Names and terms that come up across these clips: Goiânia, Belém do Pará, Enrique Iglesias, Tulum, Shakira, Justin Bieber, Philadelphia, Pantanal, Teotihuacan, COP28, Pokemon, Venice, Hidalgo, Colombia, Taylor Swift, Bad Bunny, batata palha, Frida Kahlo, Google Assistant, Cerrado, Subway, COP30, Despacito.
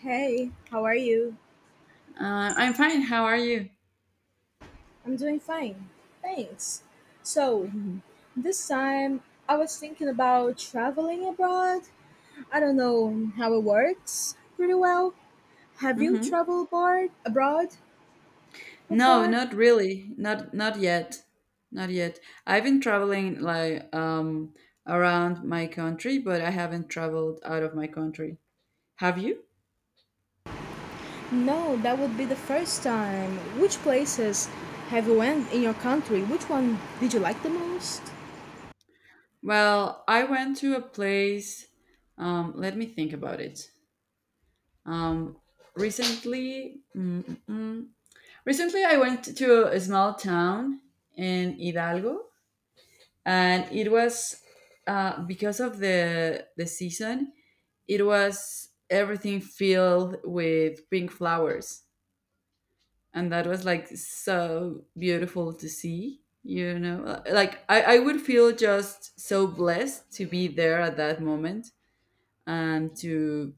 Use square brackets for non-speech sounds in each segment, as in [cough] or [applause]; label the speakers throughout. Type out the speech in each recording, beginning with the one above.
Speaker 1: Hey, how are you?
Speaker 2: I'm fine. How are you?
Speaker 1: I'm doing fine. Thanks. So, this time I was thinking about traveling abroad. I don't know how it works pretty well. Have you
Speaker 2: Hmm.
Speaker 1: traveled abroad
Speaker 2: No,
Speaker 1: before?
Speaker 2: not really. Not yet. Not yet. I've been traveling like around my country, but I haven't traveled out of my country. Have you?
Speaker 1: No, that would be the first time. Which places have you went in your country? Which one did you like the most?
Speaker 2: Well, I went to a place. Let me think about it. Um, recently, mm, mm, mm. recently I went to a small town in Hidalgo, and it was because of the season. It was everything filled with pink flowers, and that was like so beautiful to see. Like, I would feel just so blessed to be there at that moment and to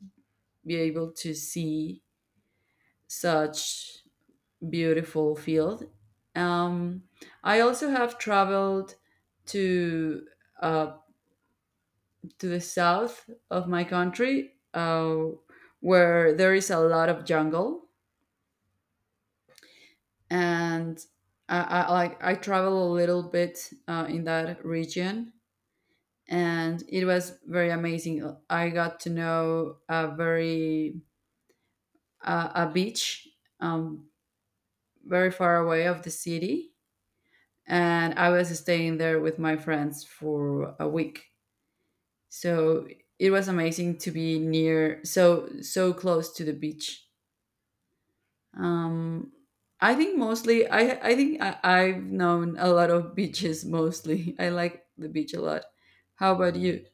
Speaker 2: be able to see such beautiful field. um, I also have traveled to uh, the south of my country, where there is a lot of jungle, and I travel a little bit in that region, and it was very amazing. I got to know a very, a beach, um, very far away of the city, and I was staying there with my friends for a week. So it was amazing to be near, so close to the beach. Um, I think mostly I've known a lot of beaches mostly. [laughs] I like the beach a lot. How about you?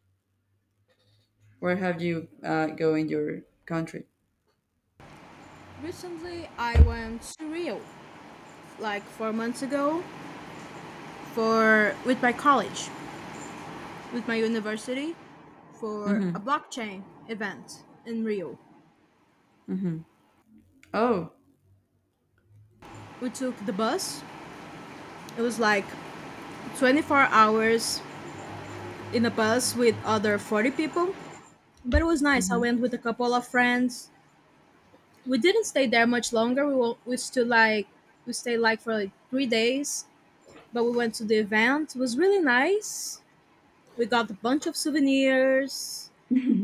Speaker 2: Where have you go in your country?
Speaker 1: Recently, I went to Rio like 4 months ago for with my college, with my university for
Speaker 2: Mm-hmm.
Speaker 1: a blockchain event in Rio.
Speaker 2: Mm-hmm. Oh.
Speaker 1: We took the bus. It was like 24 hours in a bus with other 40 people, but it was nice. I
Speaker 2: Mm-hmm.
Speaker 1: went with a couple of friends. We didn't stay there much longer. We stood like we stayed like for like 3 days, but we went to the event. It was really nice. We got a bunch of souvenirs.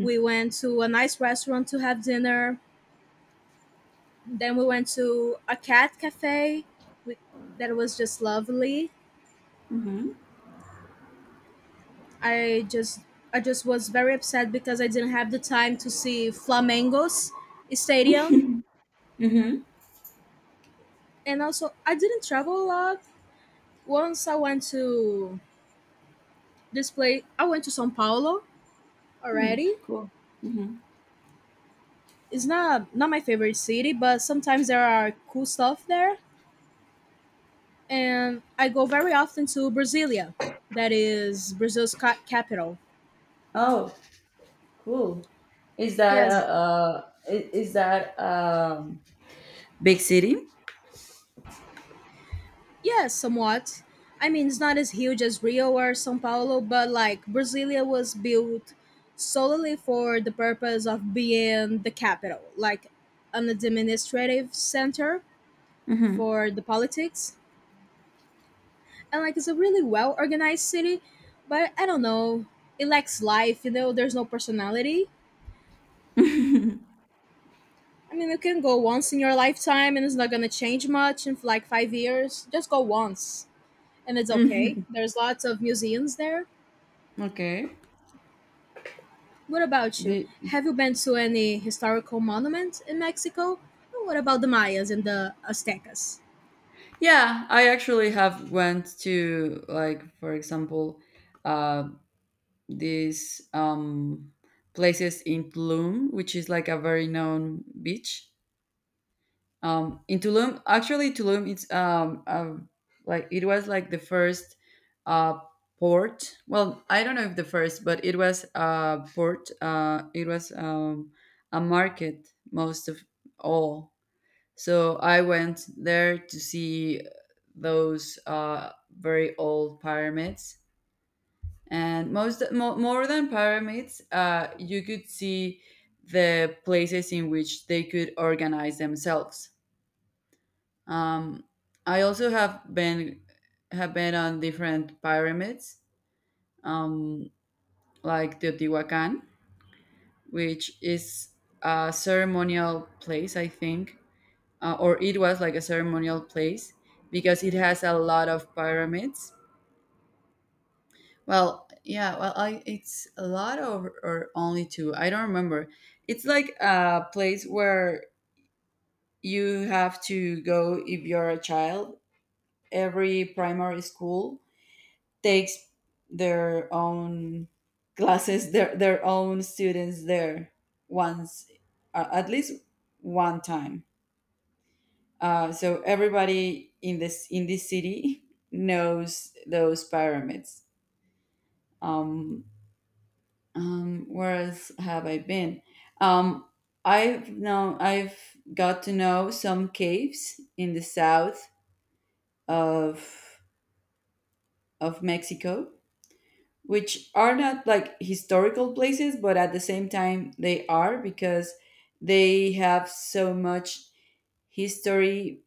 Speaker 1: We went to a nice restaurant to have dinner. Then we went to a cat cafe with, that was just lovely.
Speaker 2: Mm-hmm.
Speaker 1: I just I just was very upset because I didn't have the time to see Flamengo's stadium,
Speaker 2: Mm-hmm.
Speaker 1: and also I didn't travel a lot. Once I went to this place, I went to São Paulo already.
Speaker 2: Cool. Mm-hmm.
Speaker 1: It's not my favorite city, but sometimes there are cool stuff there, and I go very often to Brasilia, that is Brazil's capital.
Speaker 2: Oh, cool. Is that a
Speaker 1: Yes.
Speaker 2: I- is that big city?
Speaker 1: Yeah, somewhat. I mean, it's not as huge as Rio or Sao Paulo, but like Brasilia was built solely for the purpose of being the capital, like an administrative center
Speaker 2: Mm-hmm.
Speaker 1: for the politics. And like it's a really well organized city, but I don't know, it lacks life, you know, there's no personality. I mean, you can go once in your lifetime and it's not gonna change much in like 5 years. Just go once and it's okay.
Speaker 2: Mm-hmm.
Speaker 1: There's lots of museums there.
Speaker 2: Okay.
Speaker 1: What about you?
Speaker 2: The
Speaker 1: Have you been to any historical monuments in Mexico? And what about the Mayas and the Aztecas?
Speaker 2: Yeah, I actually have went to, like, for example, um these places in Tulum, which is like a very known beach. In Tulum, actually, Tulum it's like it was like the first, uh, port. Well, I don't know if the first, but it was a port. It was, a market most of all. So I went there to see those, very old pyramids, and more than pyramids, you could see the places in which they could organize themselves. um, I also have been on different pyramids, um, like Teotihuacan, which is a ceremonial place, I think. Or it was like a ceremonial place, because it has a lot of pyramids. Well, yeah, well, I it's a lot, of or only two. I don't remember. It's like a place where you have to go if you're a child. Every primary school takes their own classes, their own students there once, at least one time. So everybody in this city [laughs] knows those pyramids. Um, where else have I been? Um, I've got to know some caves in the south of Mexico, which are not like historical places, but at the same time they are, because they have so much history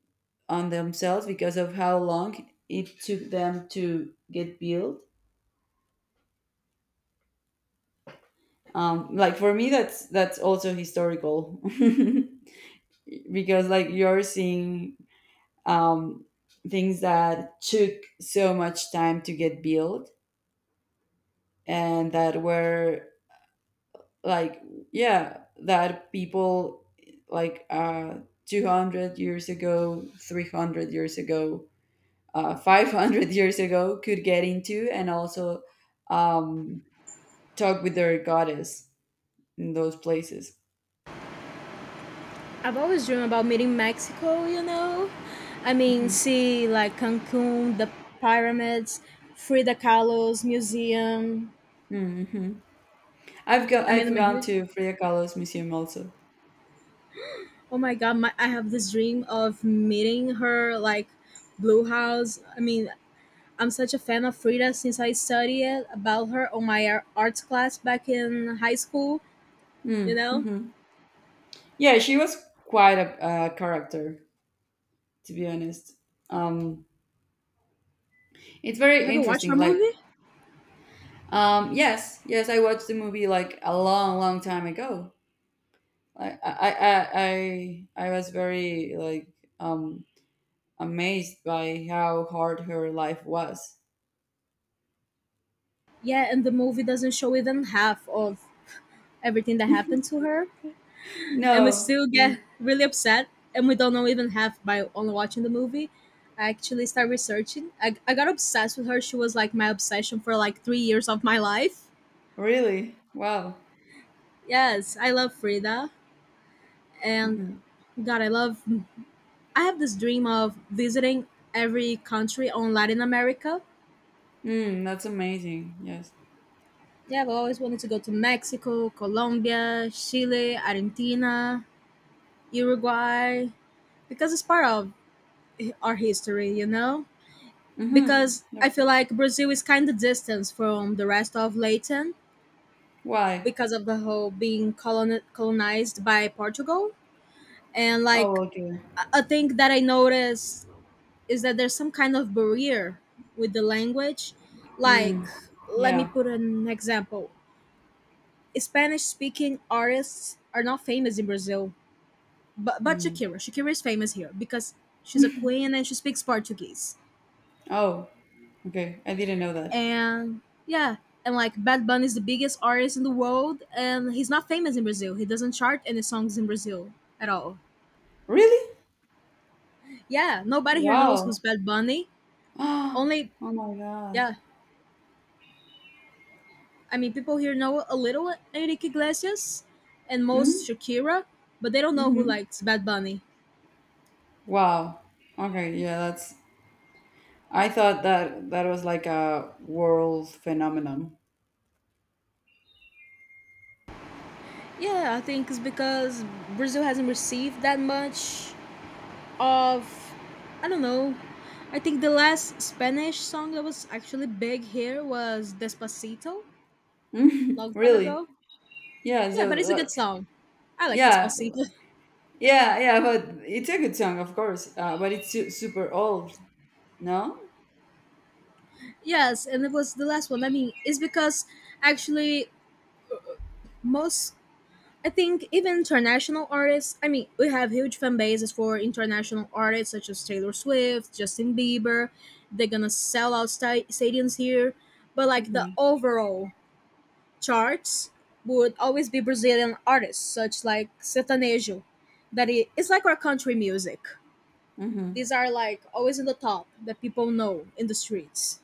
Speaker 2: on themselves because of how long it took them to get built. Like, for me, that's also historical. [laughs] Because, like, you're seeing, um, things that took so much time to get built, and that were, like, yeah, that people, like, 200 years ago, 300 years ago, 500 [laughs] years ago could get into, and also, um, talk with their goddess in those places.
Speaker 1: I've always dreamed about meeting Mexico, you know? I mean,
Speaker 2: Hmm.
Speaker 1: see like Cancun, the pyramids, Frida Kahlo's museum.
Speaker 2: Hmm. i've go
Speaker 1: I mean,
Speaker 2: i've
Speaker 1: I'm a
Speaker 2: gone
Speaker 1: huge,
Speaker 2: to Frida Kahlo's museum also.
Speaker 1: oh my god, I have this dream of meeting her, like Blue House. I mean, I'm such a fan of Frida since I studied about her on my arts class back in high school, you know?
Speaker 2: Mm-hmm. Yeah, she was quite a character, to be honest. Um, it's very
Speaker 1: Have you watched her
Speaker 2: interesting. Like,
Speaker 1: movie?
Speaker 2: yes, yes, I watched the movie like a long, long time ago. I was very like, um amazed by how hard her life was.
Speaker 1: Yeah, and the movie doesn't show even half of everything that happened to her. And we
Speaker 2: No,
Speaker 1: still get really upset and we don't know even half by only watching the movie. I actually started researching. I got obsessed with her. She was like my obsession for like 3 years of my life.
Speaker 2: really, wow.
Speaker 1: Yes, I love Frida. And
Speaker 2: Hmm.
Speaker 1: God, I love. I have this dream of visiting every country on Latin America.
Speaker 2: Mm, that's amazing. Yes.
Speaker 1: Yeah, I've always wanted to go to Mexico, Colombia, Chile, Argentina, Uruguay because it's part of our history, you know?
Speaker 2: Mm-hmm.
Speaker 1: Because I feel like Brazil is kind of distant from the rest of Latin
Speaker 2: Why?
Speaker 1: because of the whole being colonized by Portugal. And like
Speaker 2: Oh, okay.
Speaker 1: a thing that I noticed is that there's some kind of barrier with the language. Like,
Speaker 2: Mm,
Speaker 1: let me
Speaker 2: yeah.
Speaker 1: put an example. Spanish speaking artists are not famous in Brazil, but
Speaker 2: Mm.
Speaker 1: Shakira. Shakira is famous here because she's a queen and she speaks Portuguese,
Speaker 2: Oh, okay. I didn't know that.
Speaker 1: and yeah, and like Bad Bunny is the biggest artist in the world and he's not famous in Brazil. He doesn't chart any songs in Brazil at all.
Speaker 2: Really?
Speaker 1: Yeah, nobody here knows
Speaker 2: Wow.
Speaker 1: who's Bad Bunny.
Speaker 2: [gasps] Oh
Speaker 1: Only,
Speaker 2: my God.
Speaker 1: yeah, I mean people here know a little Enrique Iglesias and most
Speaker 2: Mm?
Speaker 1: Shakira, but they don't know who
Speaker 2: Mm-hmm.
Speaker 1: likes Bad Bunny.
Speaker 2: Wow. Okay, yeah, that's I thought that that was like a world phenomenon. [laughs]
Speaker 1: Yeah, I think it's because Brazil hasn't received that much of, I don't know, I think the last Spanish song that was actually big here was Despacito
Speaker 2: Mhm.
Speaker 1: long time
Speaker 2: Really?
Speaker 1: ago.
Speaker 2: Yeah,
Speaker 1: Yeah,
Speaker 2: so,
Speaker 1: but it's a
Speaker 2: like,
Speaker 1: good song. I like
Speaker 2: yeah,
Speaker 1: Despacito.
Speaker 2: yeah, yeah, but it's a good song, of course. But it's su super old, no?
Speaker 1: [laughs] yes, and it was the last one. I mean, it's because actually most, I think even international artists. I mean, we have huge fan bases for international artists such as Taylor Swift, Justin Bieber. They're gonna sell out stadiums here, but like the
Speaker 2: Mm-hmm.
Speaker 1: overall charts would always be Brazilian artists such like sertanejo, that it, it's like our country music.
Speaker 2: Mm-hmm.
Speaker 1: These are like always in the top that people know in the streets,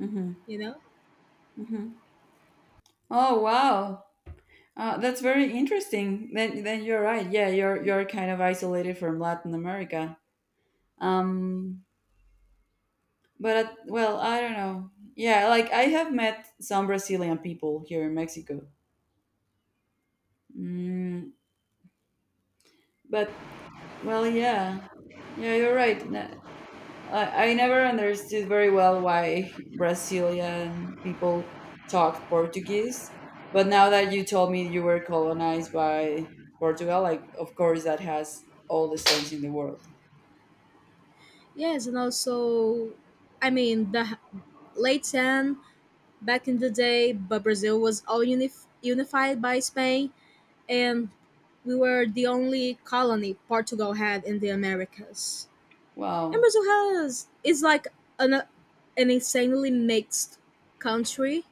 Speaker 2: Mm-hmm.
Speaker 1: you know.
Speaker 2: Mm-hmm. Oh, wow. That's very interesting. Then you're right. Yeah, you're kind of isolated from Latin America. Um But, well, I don't know. Yeah, like, I have met some Brazilian people here in Mexico. Mm, but, well, yeah, yeah, you're right. I never understood very well why Brazilian people talked Portuguese. But now that you told me you were colonized by Portugal, like, of course that has all the sense in the world.
Speaker 1: Yes, and also, I mean, the late 10, back in the day, but Brazil was all unified by Spain, and we were the only colony Portugal had in the Americas. And
Speaker 2: Wow,
Speaker 1: Brazil has is like an, an insanely mixed country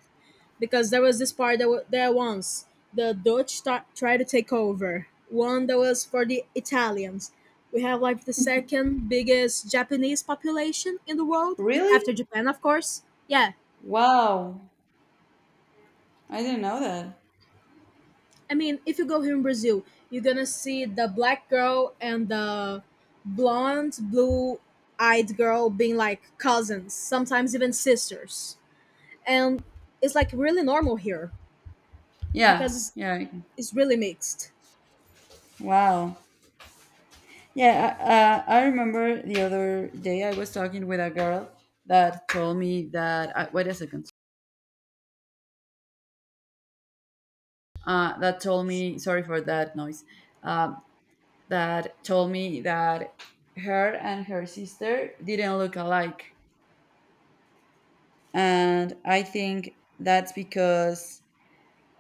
Speaker 1: because there was this part that there once the Dutch tried to take over. One that was for the Italians. We have like the second biggest Japanese population in the world
Speaker 2: really?
Speaker 1: after Japan, of course. Yeah,
Speaker 2: Wow, I didn't know that.
Speaker 1: I mean, if you go here in Brazil, you're gonna see the black girl and the blonde, blue-eyed girl being like cousins, sometimes even sisters, and it's like really normal here because
Speaker 2: Yeah, yeah.
Speaker 1: it's really mixed.
Speaker 2: Wow. Yeah, I remember the other day I was talking with a girl that told me that. Wait a second. That told me, sorry for that noise, um, that told me that her and her sister didn't look alike. And I think that's because,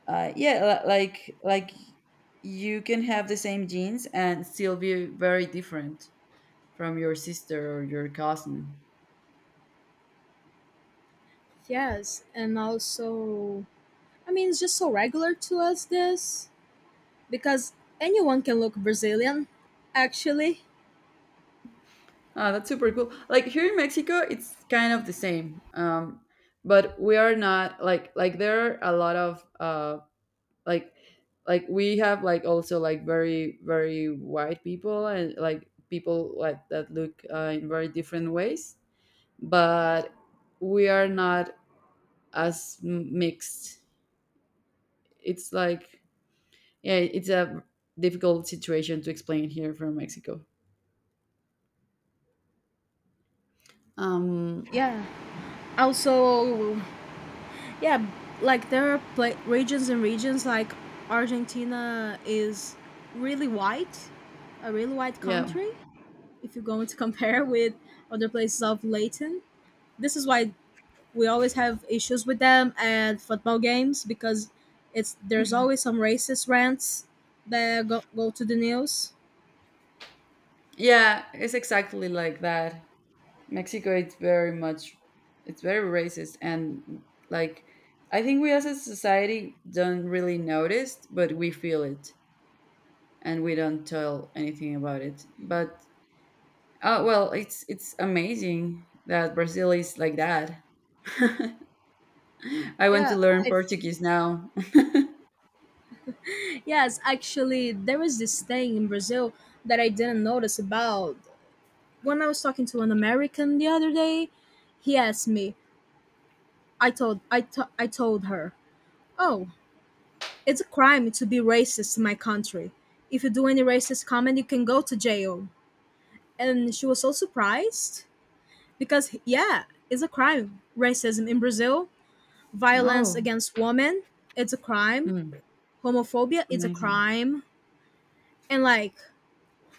Speaker 2: yeah, like you can have the same genes and still be very different from your sister or your cousin.
Speaker 1: Yes, and also, I mean, it's just so regular to us this because anyone can look Brazilian, actually.
Speaker 2: Ah, that's super cool. Like, here in Mexico, it's kind of the same. But we are not, like there are a lot of, like, we have, like, also, like, very very white people, and like people like that look in very different ways. But we are not as mixed. It's like, yeah, it's a difficult situation to explain here from Mexico. Um,
Speaker 1: Yeah. Also, yeah, like there are pla regions and regions like Argentina is really white, a really white
Speaker 2: yeah,
Speaker 1: country. If you're going [laughs] to compare with other places of Latin, this is why we always have issues with them at football games because it's there's always some racist rants that go to the news.
Speaker 2: yeah, it's exactly like that. Mexico it's very much it's very racist, and, like, I think we as a society don't really notice, but we feel it, and we don't tell anything about it. But, oh, well, it's amazing that Brazil is like that. [laughs] I want to
Speaker 1: Yeah,
Speaker 2: learn
Speaker 1: I,
Speaker 2: Portuguese now. [laughs]
Speaker 1: yes, actually, there is this thing in Brazil that I didn't notice about. When I was talking to an American the other day, he asked me. I told her, "Oh, it's a crime to be racist in my country. If you do any racist comment, you can go to jail." And she was so surprised because yeah, it's a crime racism in Brazil. Violence
Speaker 2: Oh,
Speaker 1: against women, it's a crime.
Speaker 2: mm,
Speaker 1: Homophobia, it's a
Speaker 2: amazing.
Speaker 1: crime. And like,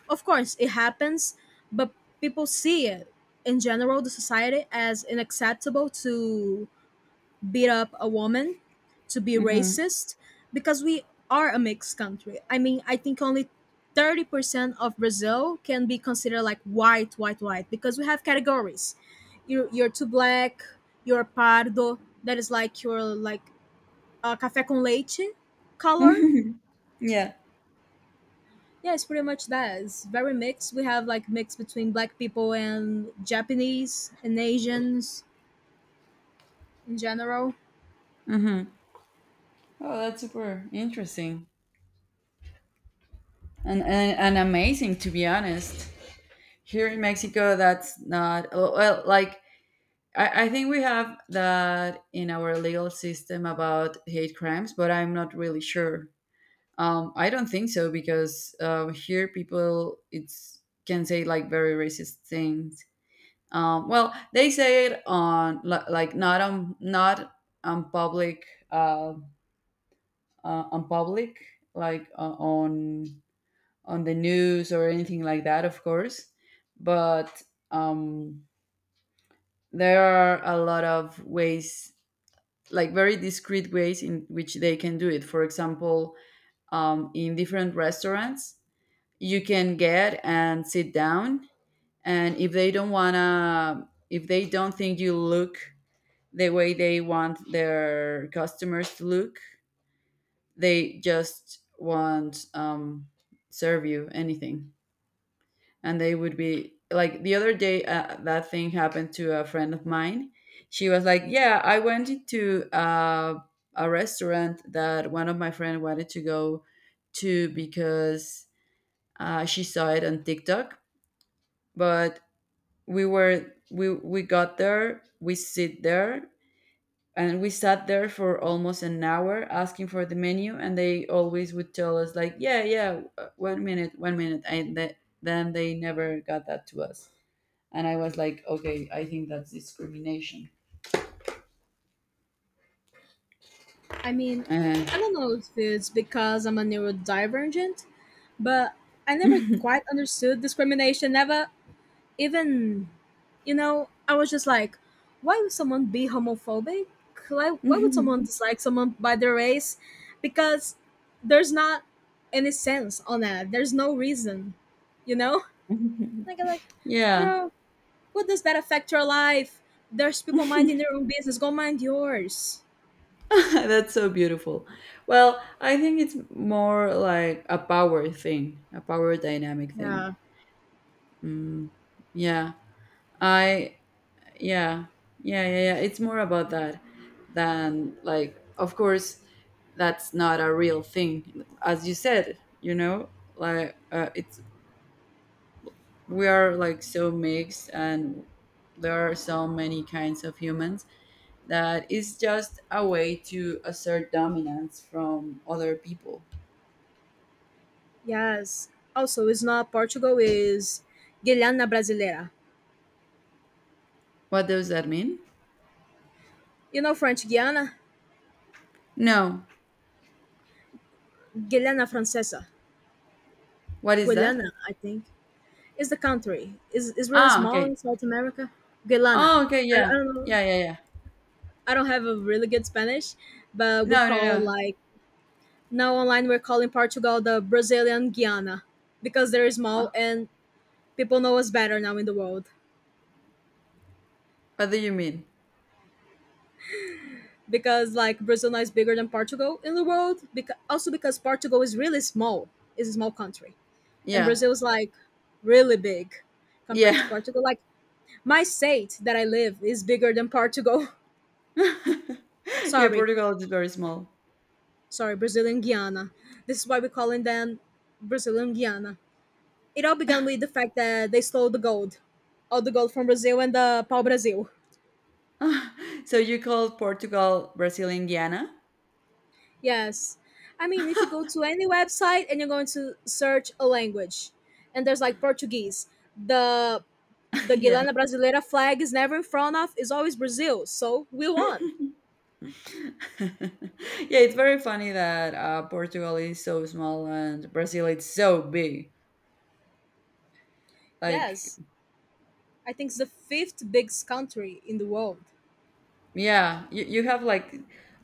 Speaker 1: of course it happens, but people see it in general, the society as unacceptable to beat up a woman, to be
Speaker 2: Hmm.
Speaker 1: racist, because we are a mixed country. I mean, I think only 30% of Brazil can be considered like white, white, white, because we have categories. You're too black, you're pardo, that is like your like café com leite color.
Speaker 2: [laughs] Yeah.
Speaker 1: Yeah, it's pretty much that. It's very mixed. We have like mix between black people and Japanese and Asians in general.
Speaker 2: Hmm. Oh, that's super interesting, and amazing, to be honest. Here in Mexico, that's not. Well, like I think we have that in our legal system about hate crimes, but I'm not really sure. I don't think so, because, here people it's can say like very racist things. Well, they say it on, like, not on, not on public, uh, on public, like, on the news or anything like that, of course. But, um, there are a lot of ways, like very discreet ways, in which they can do it, for example. In different restaurants, you can get and sit down, and if they don't wanna if they don't think you look the way they want their customers to look, they just won't, serve you anything, and they would be like, the other day, that thing happened to a friend of mine. She was like, "Yeah, I went into, a restaurant that one of my friend wanted to go to, because, she saw it on TikTok, but we got there, we sat there for almost an hour asking for the menu, and they always would tell us like, yeah, yeah, 1 minute, 1 minute," and then they never got that to us, and I was like, "Okay, I think that's discrimination."
Speaker 1: I mean,
Speaker 2: And
Speaker 1: I don't know if it's because I'm a neurodivergent, but I never quite understood discrimination. Never even, you know, I was just like, why would someone be homophobic? Like, why would someone dislike someone by their race? Because there's not any sense on that. There's no reason, you know? Like, I'm like,
Speaker 2: yeah
Speaker 1: girl, what does that affect your life? There's people minding their own business. Go mind yours.
Speaker 2: [laughs] that's so beautiful. Well, I think it's more like a power thing, a power dynamic thing.
Speaker 1: Yeah.
Speaker 2: Yeah, I yeah, yeah, yeah, yeah, it's more about that, than, like, of course, that's not a real thing, as you said. Like, it's we are like so mixed, and there are so many kinds of humans, that is just a way to assert dominance from other people.
Speaker 1: Yes. Also, it's not Portugal, is Guiana Brasileira.
Speaker 2: What does that mean?
Speaker 1: You know French Guiana?
Speaker 2: No.
Speaker 1: Guiana Francesa.
Speaker 2: What is that?
Speaker 1: Guiana, I think. Is the country. Is really
Speaker 2: Ah,
Speaker 1: small
Speaker 2: okay.
Speaker 1: in South America. Guiana.
Speaker 2: Oh, okay. Yeah.
Speaker 1: I don't know.
Speaker 2: Yeah, yeah, yeah.
Speaker 1: I don't have a really good Spanish, but we
Speaker 2: No, no,
Speaker 1: call
Speaker 2: no.
Speaker 1: like now online we're calling Portugal the Brazilian Guiana because they're small
Speaker 2: Ah,
Speaker 1: and people know us better now in the world.
Speaker 2: what do you mean?
Speaker 1: Because like Brazil now is bigger than Portugal in the world. Because also because Portugal is really small. It's a small country and
Speaker 2: Yeah.
Speaker 1: Brazil's like really big compared to
Speaker 2: Yeah.
Speaker 1: Portugal. Like my state that I live is bigger than Portugal. [laughs]
Speaker 2: [laughs] Yeah,
Speaker 1: sorry,
Speaker 2: Portugal is very small.
Speaker 1: sorry, Brazilian Guiana. This is why we call them Brazilian Guiana. It all began with the fact that they stole the gold, all the gold from Brazil and the Pau brasil.
Speaker 2: [laughs] So you call Portugal Brazilian Guiana?
Speaker 1: Yes. I mean, if you go to any website and you're going to search a language, and there's like Portuguese, the
Speaker 2: [laughs]
Speaker 1: the
Speaker 2: Yeah.
Speaker 1: Guilana Brasileira flag is never in front of, is always Brazil. So we won.
Speaker 2: [laughs] Yeah, it's very funny that, Portugal is so small and Brazil is so big. Like,
Speaker 1: Yes. I think it's the fifth biggest country in the world.
Speaker 2: yeah, you have, like,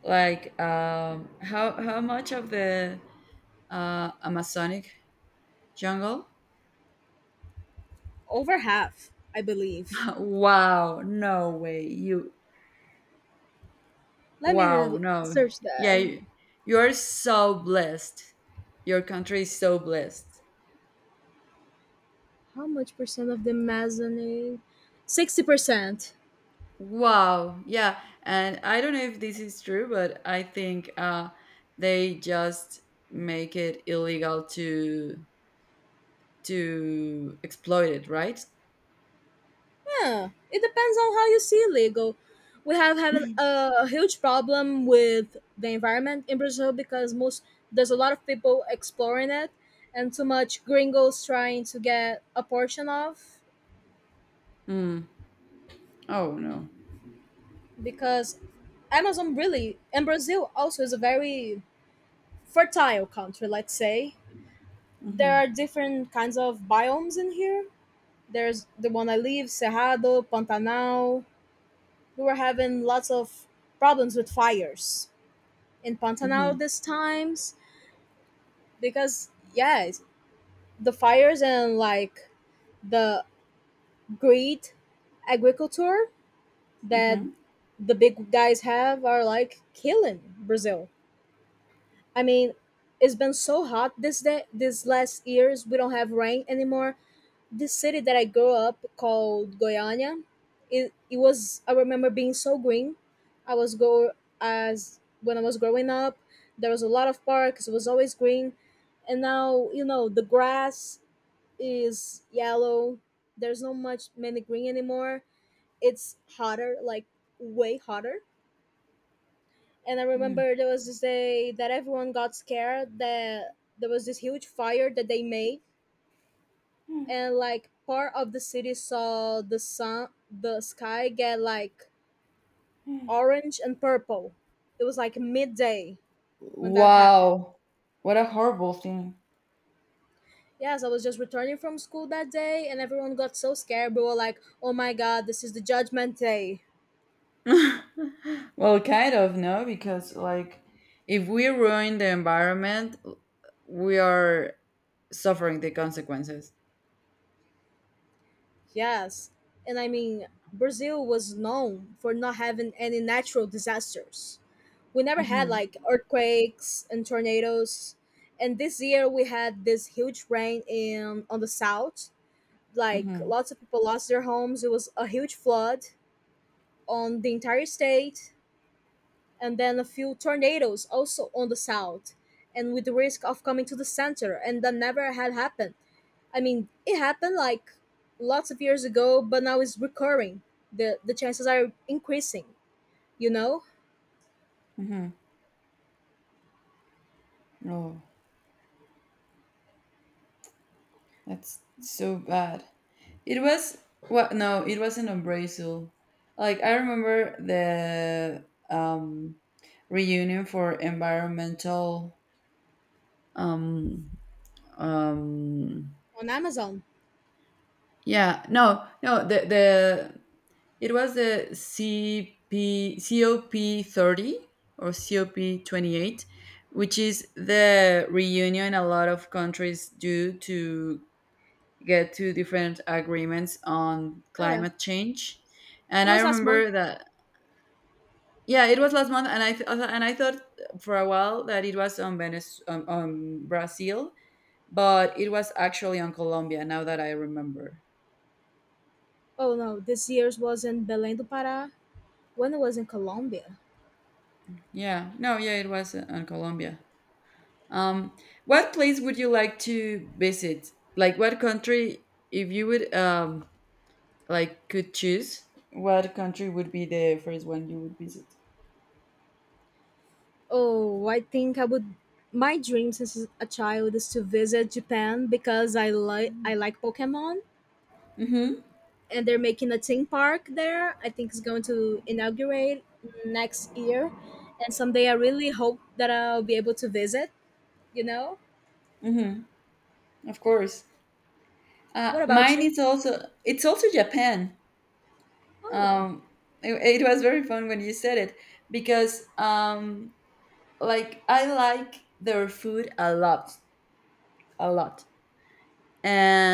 Speaker 2: how much of the Amazonic jungle?
Speaker 1: Over half, I believe.
Speaker 2: [laughs] Wow, no way. You
Speaker 1: Let
Speaker 2: Wow,
Speaker 1: me
Speaker 2: no.
Speaker 1: search
Speaker 2: Yeah,
Speaker 1: that.
Speaker 2: you're so blessed. Your country is so blessed.
Speaker 1: How much percent of the Amazon is? 60%.
Speaker 2: Wow. Yeah, and I don't know if this is true, but I think, they just make it illegal to exploit it, right?
Speaker 1: Yeah, it depends on how you see legal. We have had a huge problem with the environment in Brazil because most there's a lot of people exploring it and too much gringos trying to get a portion of
Speaker 2: Mm. Oh, no.
Speaker 1: because Amazon really and Brazil also is a very fertile country, let's say, there are different kinds of biomes in here. There's the one I live, Cerrado, Pantanal. We were having lots of problems with fires in Pantanal
Speaker 2: Hmm.
Speaker 1: these times because yeah, the fires and like the greed agriculture that
Speaker 2: Mm-hmm.
Speaker 1: the big guys have are like killing Brazil. I mean, it's been so hot this day, these last years. We don't have rain anymore this city that I grew up called Goiânia. It was I remember being so green. I was go As when I was growing up, there was a lot of parks. It was always green, and now the grass is yellow. There's not much many green anymore. It's hotter, like way hotter. And I
Speaker 2: Mm.
Speaker 1: remember there was this day that everyone got scared that there was this huge fire that they made, and like part of the city saw the sky get like orange and purple. It was like midday when that happened.
Speaker 2: Wow, what a horrible thing.
Speaker 1: Yes, I was just returning from school that day, and everyone got so scared. We were like, oh my god, this is the judgment day.
Speaker 2: Well, kind of no, because, like, if we ruin the environment, we are suffering the consequences.
Speaker 1: Yes, and Brazil was known for not having any natural disasters. We never had
Speaker 2: Mm-hmm.
Speaker 1: like earthquakes and tornadoes, and this year we had this huge rain in on the south. Like
Speaker 2: Mm-hmm.
Speaker 1: lots of people lost their homes. It was a huge flood on the entire state, and then a few tornadoes also on the south, and with the risk of coming to the center, and that never had happened. I mean, it happened like lots of years ago, but now it's recurring. The chances are increasing. You know,
Speaker 2: Oh, that's so bad. It was Well, no, it wasn't on Brazil. Like, I remember the, reunion for environmental, um um
Speaker 1: on Amazon.
Speaker 2: yeah, no, no, the the it was the CP, COP30, or COP28, which is the reunion a lot of countries do to get to different agreements on
Speaker 1: Yeah,
Speaker 2: climate change. And
Speaker 1: it
Speaker 2: I
Speaker 1: was last month.
Speaker 2: remember that, yeah, it was last month, and I thought for a while that it was on Venice, on, Brazil, but it was actually on Colombia. Now that I remember,
Speaker 1: Oh no, this year's was in Belém do Pará. When it was in Colombia.
Speaker 2: yeah, no, yeah, it was on Colombia. Um, what place would you like to visit? Like what country, if you would like could choose, what country would be the first one you would visit?
Speaker 1: Oh, I think I would. My dream since a child is to visit Japan because I like Pokemon,
Speaker 2: Mm-hmm.
Speaker 1: and they're making a theme park there. I think it's going to inaugurate next year, and someday I really hope that I'll be able to visit. You know,
Speaker 2: Mm-hmm. Of course.
Speaker 1: what about
Speaker 2: Mine
Speaker 1: you?
Speaker 2: is also, it's also Japan.
Speaker 1: Oh,
Speaker 2: Um, it was very fun when you said it because like I like their food a lot,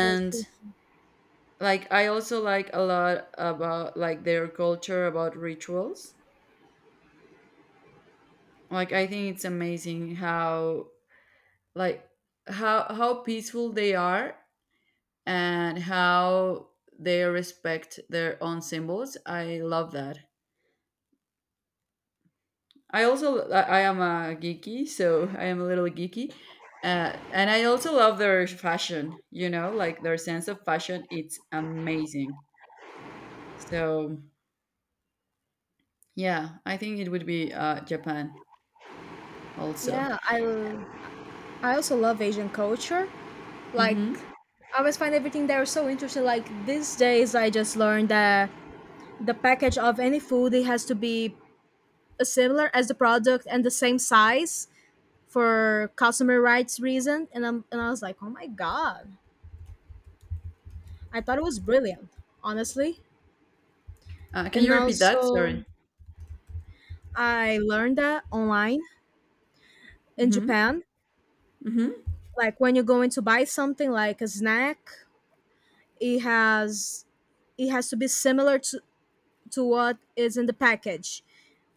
Speaker 1: oh, sushi.
Speaker 2: like I also like a lot about like their culture about rituals. Like I think it's amazing how like how peaceful they are and how they respect their own symbols. I love that. I also I am a geeky, so I am a little geeky. And I also love their fashion, like their sense of fashion. It's amazing. So yeah, I think it would be Japan also.
Speaker 1: Yeah, I l- I also love Asian culture. Like
Speaker 2: Hmm.
Speaker 1: I always find everything there so interesting. Like these days, I just learned that the package of any food, it has to be similar as the product and the same size for customer rights reason. And I was like oh my god, I thought it was brilliant, honestly.
Speaker 2: Can
Speaker 1: And
Speaker 2: you repeat that,
Speaker 1: also,
Speaker 2: sorry?
Speaker 1: I learned that online, in
Speaker 2: Hmm.
Speaker 1: Japan,
Speaker 2: Hmm.
Speaker 1: like when you're going to buy something like a snack, it has it has to be similar to what is in the package,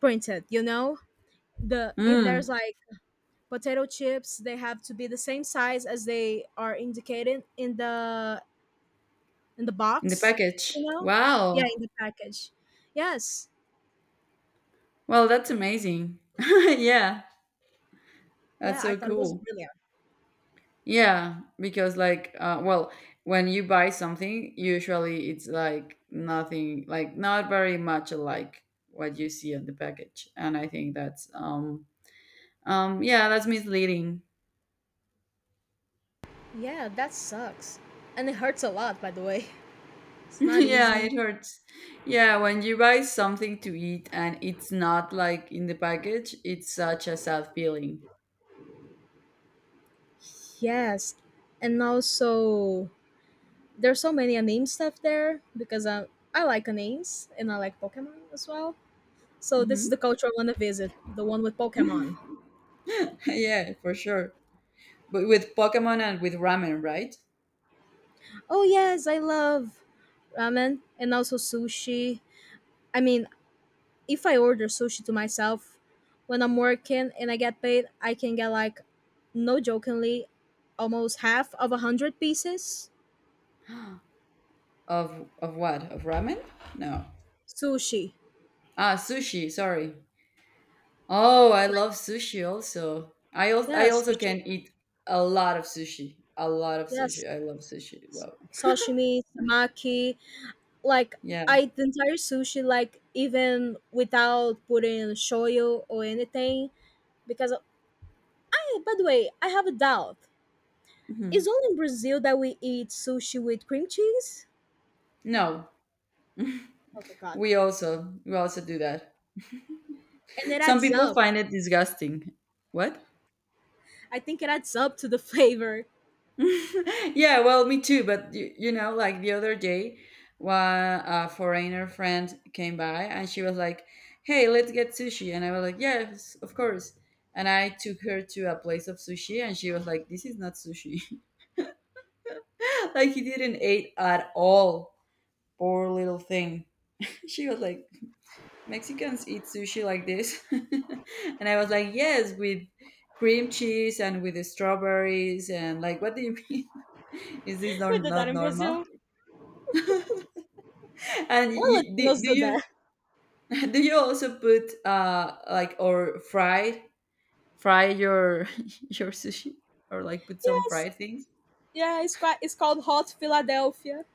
Speaker 1: printed, you know? The If
Speaker 2: Mm.
Speaker 1: there's like potato chips, they have to be the same size as they are indicated in the
Speaker 2: In the
Speaker 1: box, you
Speaker 2: package.
Speaker 1: know? Yeah,
Speaker 2: Wow.
Speaker 1: in the package. Yes.
Speaker 2: Well, that's amazing. [laughs] Yeah,
Speaker 1: Yeah,
Speaker 2: that's
Speaker 1: I
Speaker 2: so
Speaker 1: thought it was
Speaker 2: cool.
Speaker 1: brilliant.
Speaker 2: Yeah, because like, well, when you buy something, usually it's like nothing, like not very much like what you see on the package, and I think that's yeah, that's misleading.
Speaker 1: Yeah, that sucks. And it hurts a lot, by the way. [laughs]
Speaker 2: [laughs]
Speaker 1: It's not
Speaker 2: Yeah,
Speaker 1: easy.
Speaker 2: it hurts. Yeah, when you buy something to eat and it's not like in the package, it's such a sad feeling.
Speaker 1: Yes. And also, there's so many anime stuff there because I like animes and I like Pokemon as well. So, this is
Speaker 2: Hmm.
Speaker 1: the culture I want to visit, the one with Pokemon.
Speaker 2: [laughs] Yeah, for sure. But with Pokemon and with ramen, right?
Speaker 1: Oh, yes, I love ramen and also sushi. I mean, if I order sushi to myself when I'm working and I get paid, I can get like, no jokingly, almost half of a hundred pieces
Speaker 2: [gasps] Of what? Of ramen? No.
Speaker 1: sushi.
Speaker 2: Ah, sushi. Sorry. Oh, I
Speaker 1: Like,
Speaker 2: love sushi also. I also I
Speaker 1: Yes,
Speaker 2: also
Speaker 1: sashi-
Speaker 2: can eat a lot of sushi. A lot of
Speaker 1: yes,
Speaker 2: sushi. I love sushi. Wow.
Speaker 1: sashimi, samaki. Like
Speaker 2: Yeah.
Speaker 1: I eat the entire sushi, like even without putting shoyu or anything, because by the way, I have a doubt. It's
Speaker 2: Mhm.
Speaker 1: only in Brazil that we eat sushi with cream cheese.
Speaker 2: No,
Speaker 1: Oh my god!
Speaker 2: we also do that.
Speaker 1: And it
Speaker 2: Some
Speaker 1: adds
Speaker 2: people
Speaker 1: up.
Speaker 2: find it disgusting. What?
Speaker 1: I think it adds up to the flavor.
Speaker 2: [laughs] Yeah, well, me too. But you know, like the other day, one a foreigner friend came by, and she was like, "Hey, let's get sushi," and I was like, "Yes, of course." And I took her to a place of sushi, and she was like, "This is not sushi." [laughs] Like, he didn't eat at all. Poor little thing. [laughs] She was like, "Mexicans eat sushi like this," [laughs] and I was like, "Yes, with cream cheese and with the strawberries, and like, what do you mean? [laughs] Is this
Speaker 1: [laughs] We
Speaker 2: not
Speaker 1: do that
Speaker 2: not
Speaker 1: in
Speaker 2: normal?"
Speaker 1: Brazil.
Speaker 2: And
Speaker 1: Why
Speaker 2: you, do,
Speaker 1: Latinos
Speaker 2: do
Speaker 1: do that?
Speaker 2: you
Speaker 1: [laughs]
Speaker 2: [laughs] do you also put like, or fry your [laughs] your sushi, or like put some
Speaker 1: Yes.
Speaker 2: fried things?
Speaker 1: Yeah, it's quite, it's called hot Philadelphia.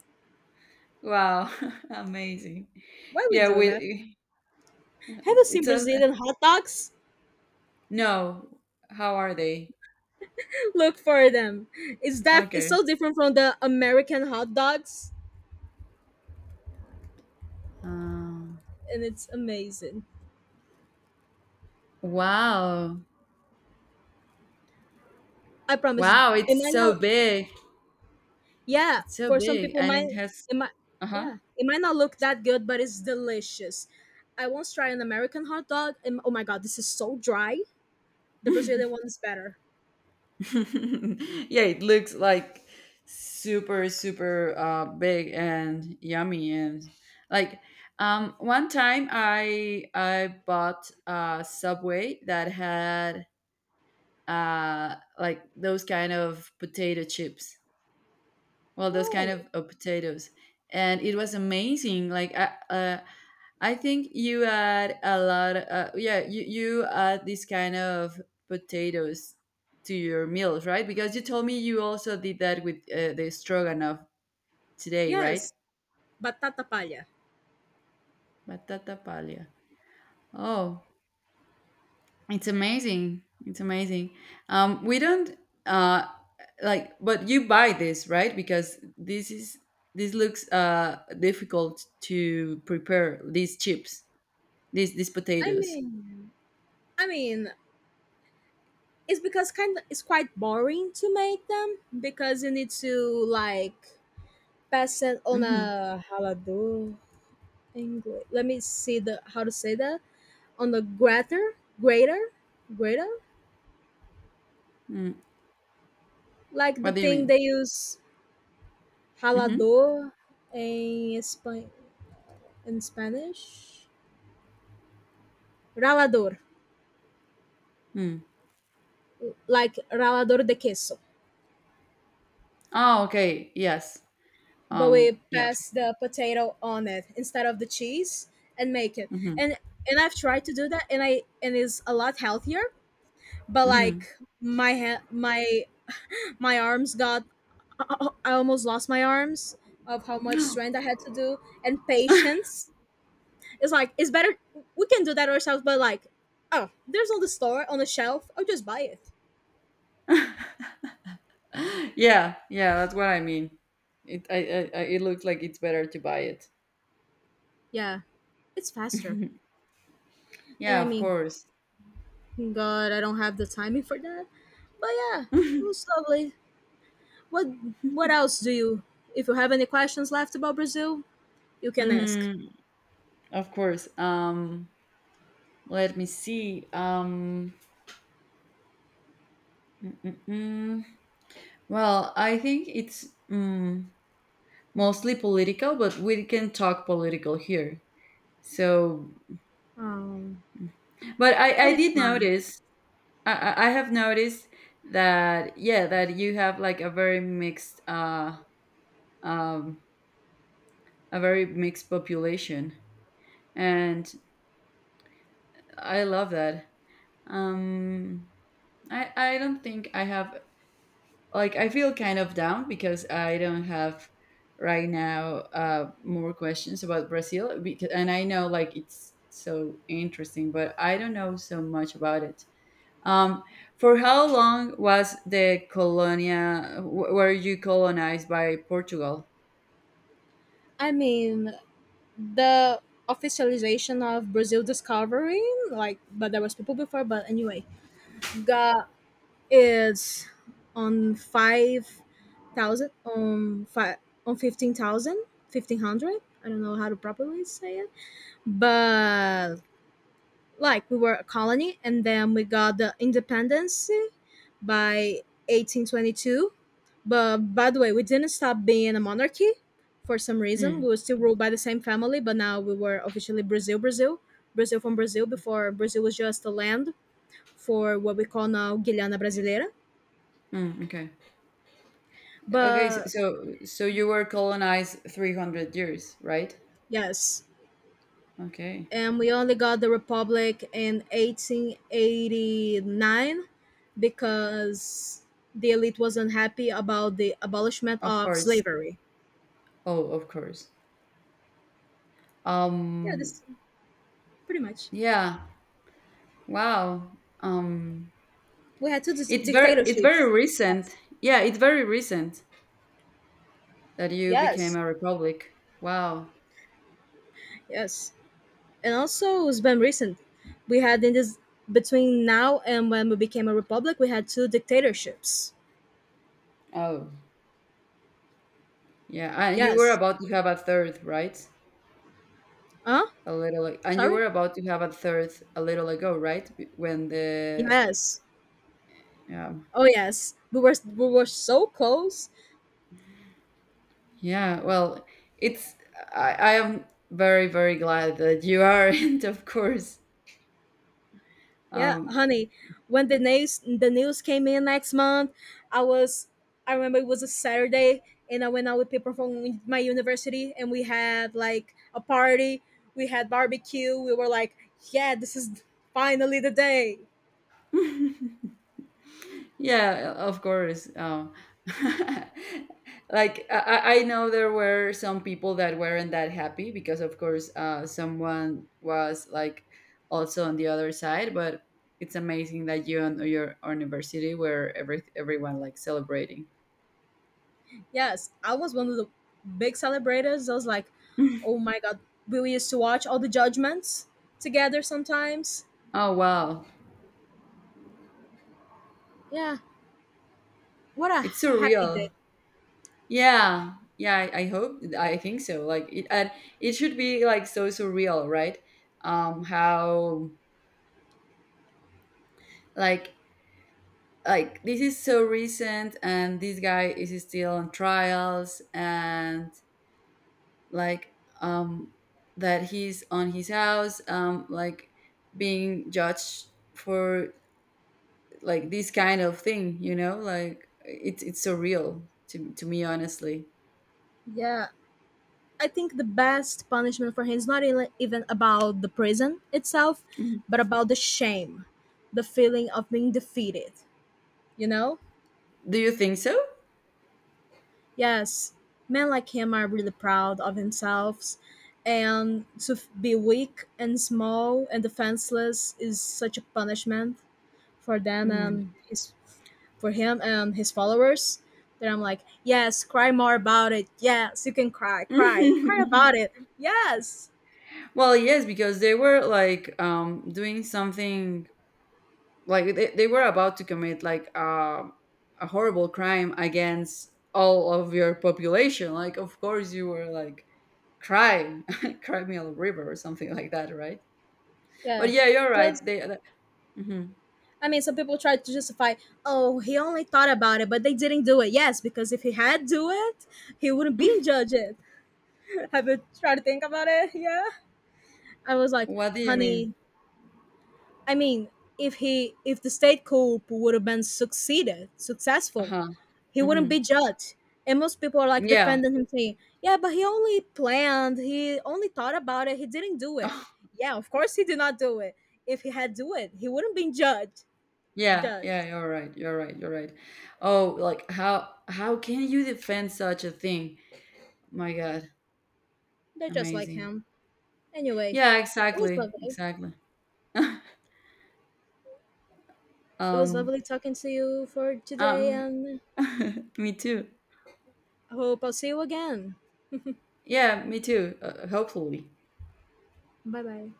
Speaker 2: Wow, [laughs] amazing.
Speaker 1: Why we
Speaker 2: Yeah,
Speaker 1: do that?
Speaker 2: we, uh,
Speaker 1: Have you seen
Speaker 2: it's a,
Speaker 1: Brazilian hot dogs?
Speaker 2: no. How are they?
Speaker 1: [laughs] Look for them. It's
Speaker 2: Okay.
Speaker 1: so different from the American hot dogs,
Speaker 2: Um,
Speaker 1: and it's amazing.
Speaker 2: wow.
Speaker 1: I promise.
Speaker 2: Wow,
Speaker 1: It
Speaker 2: it's
Speaker 1: might
Speaker 2: so
Speaker 1: not
Speaker 2: big.
Speaker 1: Yeah,
Speaker 2: It's so
Speaker 1: for some
Speaker 2: big,
Speaker 1: people
Speaker 2: and
Speaker 1: might
Speaker 2: it has
Speaker 1: it might
Speaker 2: uh-huh.
Speaker 1: yeah. It might not look that good, but it's delicious. I once tried an American hot dog and oh my god, this is so dry. The Brazilian one is better.
Speaker 2: [laughs] Yeah, it looks like super, super big and yummy, and like one time I bought a Subway that had like those kind of potato chips, well those
Speaker 1: Oh,
Speaker 2: kind of potatoes, and it was amazing. Like, I think you add a lot, yeah, you add this kind of potatoes to your meals, right? Because you told me you also did that with the stroganoff today, right?
Speaker 1: yes, batata palha.
Speaker 2: Batata palia. Oh, it's amazing. It's amazing. We don't, uh, like, but you buy this, right? Because this looks difficult to prepare these chips, these
Speaker 1: I
Speaker 2: potatoes.
Speaker 1: mean, I mean, it's because kind of it's quite boring to make them because you need to like pass it on
Speaker 2: Hmm.
Speaker 1: a halado. English. Let me see the how to say that. On the grater, grater, grater,
Speaker 2: Mm.
Speaker 1: like the
Speaker 2: What do you
Speaker 1: thing
Speaker 2: mean?
Speaker 1: they use,
Speaker 2: Hmm.
Speaker 1: halado in Spain, in Spanish, ralador,
Speaker 2: Mm.
Speaker 1: like ralador de queso.
Speaker 2: Oh, okay. Yes.
Speaker 1: But we
Speaker 2: Yeah.
Speaker 1: pass the potato on it instead of the cheese and make it.
Speaker 2: Hmm.
Speaker 1: And and I've tried to do that, and it's a lot healthier, but like
Speaker 2: Hmm.
Speaker 1: my [laughs] my arms got [laughs] I almost lost my arms of how much strength I had to do, and patience. It's like it's better we can do that ourselves, but like oh, there's on the store on the shelf, I'll just buy it.
Speaker 2: Yeah. Yeah, that's what I mean. It. I. It looks like it's better to buy it.
Speaker 1: Yeah, it's faster. And
Speaker 2: Yeah.
Speaker 1: I
Speaker 2: Of
Speaker 1: mean
Speaker 2: course.
Speaker 1: God, I don't have the timing for that. But yeah, it was lovely. What What else do you? If you have any questions left about Brazil, you can ask.
Speaker 2: Mm, of course. Let me see. Mm, well, I think it's mostly political, but we can talk political here. So,
Speaker 1: Um,
Speaker 2: but I,
Speaker 1: but
Speaker 2: I
Speaker 1: it's
Speaker 2: did
Speaker 1: fun.
Speaker 2: notice, I have noticed that, yeah, that you have like um, a very mixed population. And I love that. Um, I don't think I have, like, I feel kind of down because I don't have right now more questions about Brazil because, and I know like it's so interesting, but I don't know so much about it. Um, for how long was the colonia? Were you colonized by Portugal?
Speaker 1: I mean, the officialization of Brazil discovery, like, but there was people before. But anyway, got is on 5,000 on five on fifteen thousand fifteen hundred. I don't know how to properly say it, but like we were a colony and then we got the independence by 1822. But by the way, we didn't stop being a monarchy. For some reason
Speaker 2: Mm,
Speaker 1: we were still ruled by the same family, but now we were officially Brazil. Brazil from Brazil before, Brazil was just a land for what we call now Guiana Brasileira.
Speaker 2: mm, okay. Okay. So,
Speaker 1: But
Speaker 2: so so you were colonized 300 years, right?
Speaker 1: yes,
Speaker 2: Okay.
Speaker 1: and we only got the republic in 1889 because the elite was unhappy about the abolishment
Speaker 2: Of
Speaker 1: of
Speaker 2: course.
Speaker 1: slavery.
Speaker 2: Oh, of course.
Speaker 1: Yeah,
Speaker 2: Um.
Speaker 1: this pretty much.
Speaker 2: Yeah. Wow. Um,
Speaker 1: We had
Speaker 2: it's very it's
Speaker 1: dictatorships.
Speaker 2: very recent. Yeah, it's very recent that you became
Speaker 1: Yes.
Speaker 2: a republic. Wow.
Speaker 1: Yes, and also it's been recent. We had in this, between now and when we became a republic, we had two dictatorships.
Speaker 2: Oh. Yeah, and you were
Speaker 1: Yes.
Speaker 2: about to have a third, right?
Speaker 1: Huh.
Speaker 2: And you were
Speaker 1: Sorry.
Speaker 2: about to have a third a little ago, right? When the,
Speaker 1: Yes.
Speaker 2: um,
Speaker 1: Oh yes, we were, we were so close.
Speaker 2: yeah, well, it's I am very, very glad that you aren't, [laughs] of course.
Speaker 1: Yeah,
Speaker 2: Um,
Speaker 1: honey. When the news came in next month, I was, I remember it was a Saturday, and I went out with people from my university and we had like a party. We had barbecue. We were like, yeah, this is finally the day.
Speaker 2: [laughs] Yeah, of course. [laughs] Like, I know there were some people that weren't that happy because, of course, someone was like also on the other side. But it's amazing that you and your university, where everyone like celebrating.
Speaker 1: Yes, I was one of the big celebrators. I was like, oh my god, we used to watch all the judgments together sometimes.
Speaker 2: Oh wow,
Speaker 1: Yeah, what a
Speaker 2: it's
Speaker 1: happy day.
Speaker 2: surreal. Yeah, yeah. I hope. I think so. Like it, and it should be like so surreal, right? How, like like this is so recent, and this guy is still on trials, and like um that he's on his house, like being judged for like this kind of thing, like it's so real to me, honestly.
Speaker 1: Yeah, I think the best punishment for him is not even about the prison itself,
Speaker 2: Mhm.
Speaker 1: but about the shame, the feeling of being defeated, you know?
Speaker 2: Do you think so?
Speaker 1: Yes, men like him are really proud of themselves, and to be weak and small and defenseless is such a punishment for them
Speaker 2: Mhm.
Speaker 1: and his for him and his followers, that I'm like, yes, cry more about it. Yes, you can cry, cry, cry
Speaker 2: [laughs]
Speaker 1: about it. Yes.
Speaker 2: Well, yes, because they were like doing something, like they were about to commit, like a horrible crime against all of your population. Like, of course you were like, cry, [laughs] cry me a river or something, [laughs] like that, right? But
Speaker 1: Yeah.
Speaker 2: yeah, you're
Speaker 1: Just,
Speaker 2: right, they. Hmm.
Speaker 1: I mean, some people try to justify, oh, he only thought about it, but they didn't do it. Yes, because if he had do it, he wouldn't be judged. [laughs] Have you tried to think about it? [laughs] Yeah. I was like,
Speaker 2: What do you mean?
Speaker 1: honey, I mean, if the state coup would have been succeeded, successful,
Speaker 2: Uh-huh.
Speaker 1: he wouldn't
Speaker 2: Hmm.
Speaker 1: be judged. And most people are like
Speaker 2: Yeah.
Speaker 1: defending him, saying, yeah, but he only planned, he only thought about it, he didn't do it.
Speaker 2: [laughs]
Speaker 1: Yeah, of course he did not do it. If he had do it, he wouldn't been judged.
Speaker 2: Yeah,
Speaker 1: Judged.
Speaker 2: yeah, you're right, you're right, you're right. Oh, like how can you defend such a thing, my god?
Speaker 1: They're just like
Speaker 2: Amazing.
Speaker 1: him. Anyway,
Speaker 2: Yeah,
Speaker 1: it was
Speaker 2: exactly,
Speaker 1: lovely.
Speaker 2: exactly.
Speaker 1: It was
Speaker 2: um
Speaker 1: lovely talking to you for today,
Speaker 2: um
Speaker 1: and
Speaker 2: [laughs] me too.
Speaker 1: I hope I'll see you again.
Speaker 2: Yeah, me too. Hopefully.
Speaker 1: Bye bye.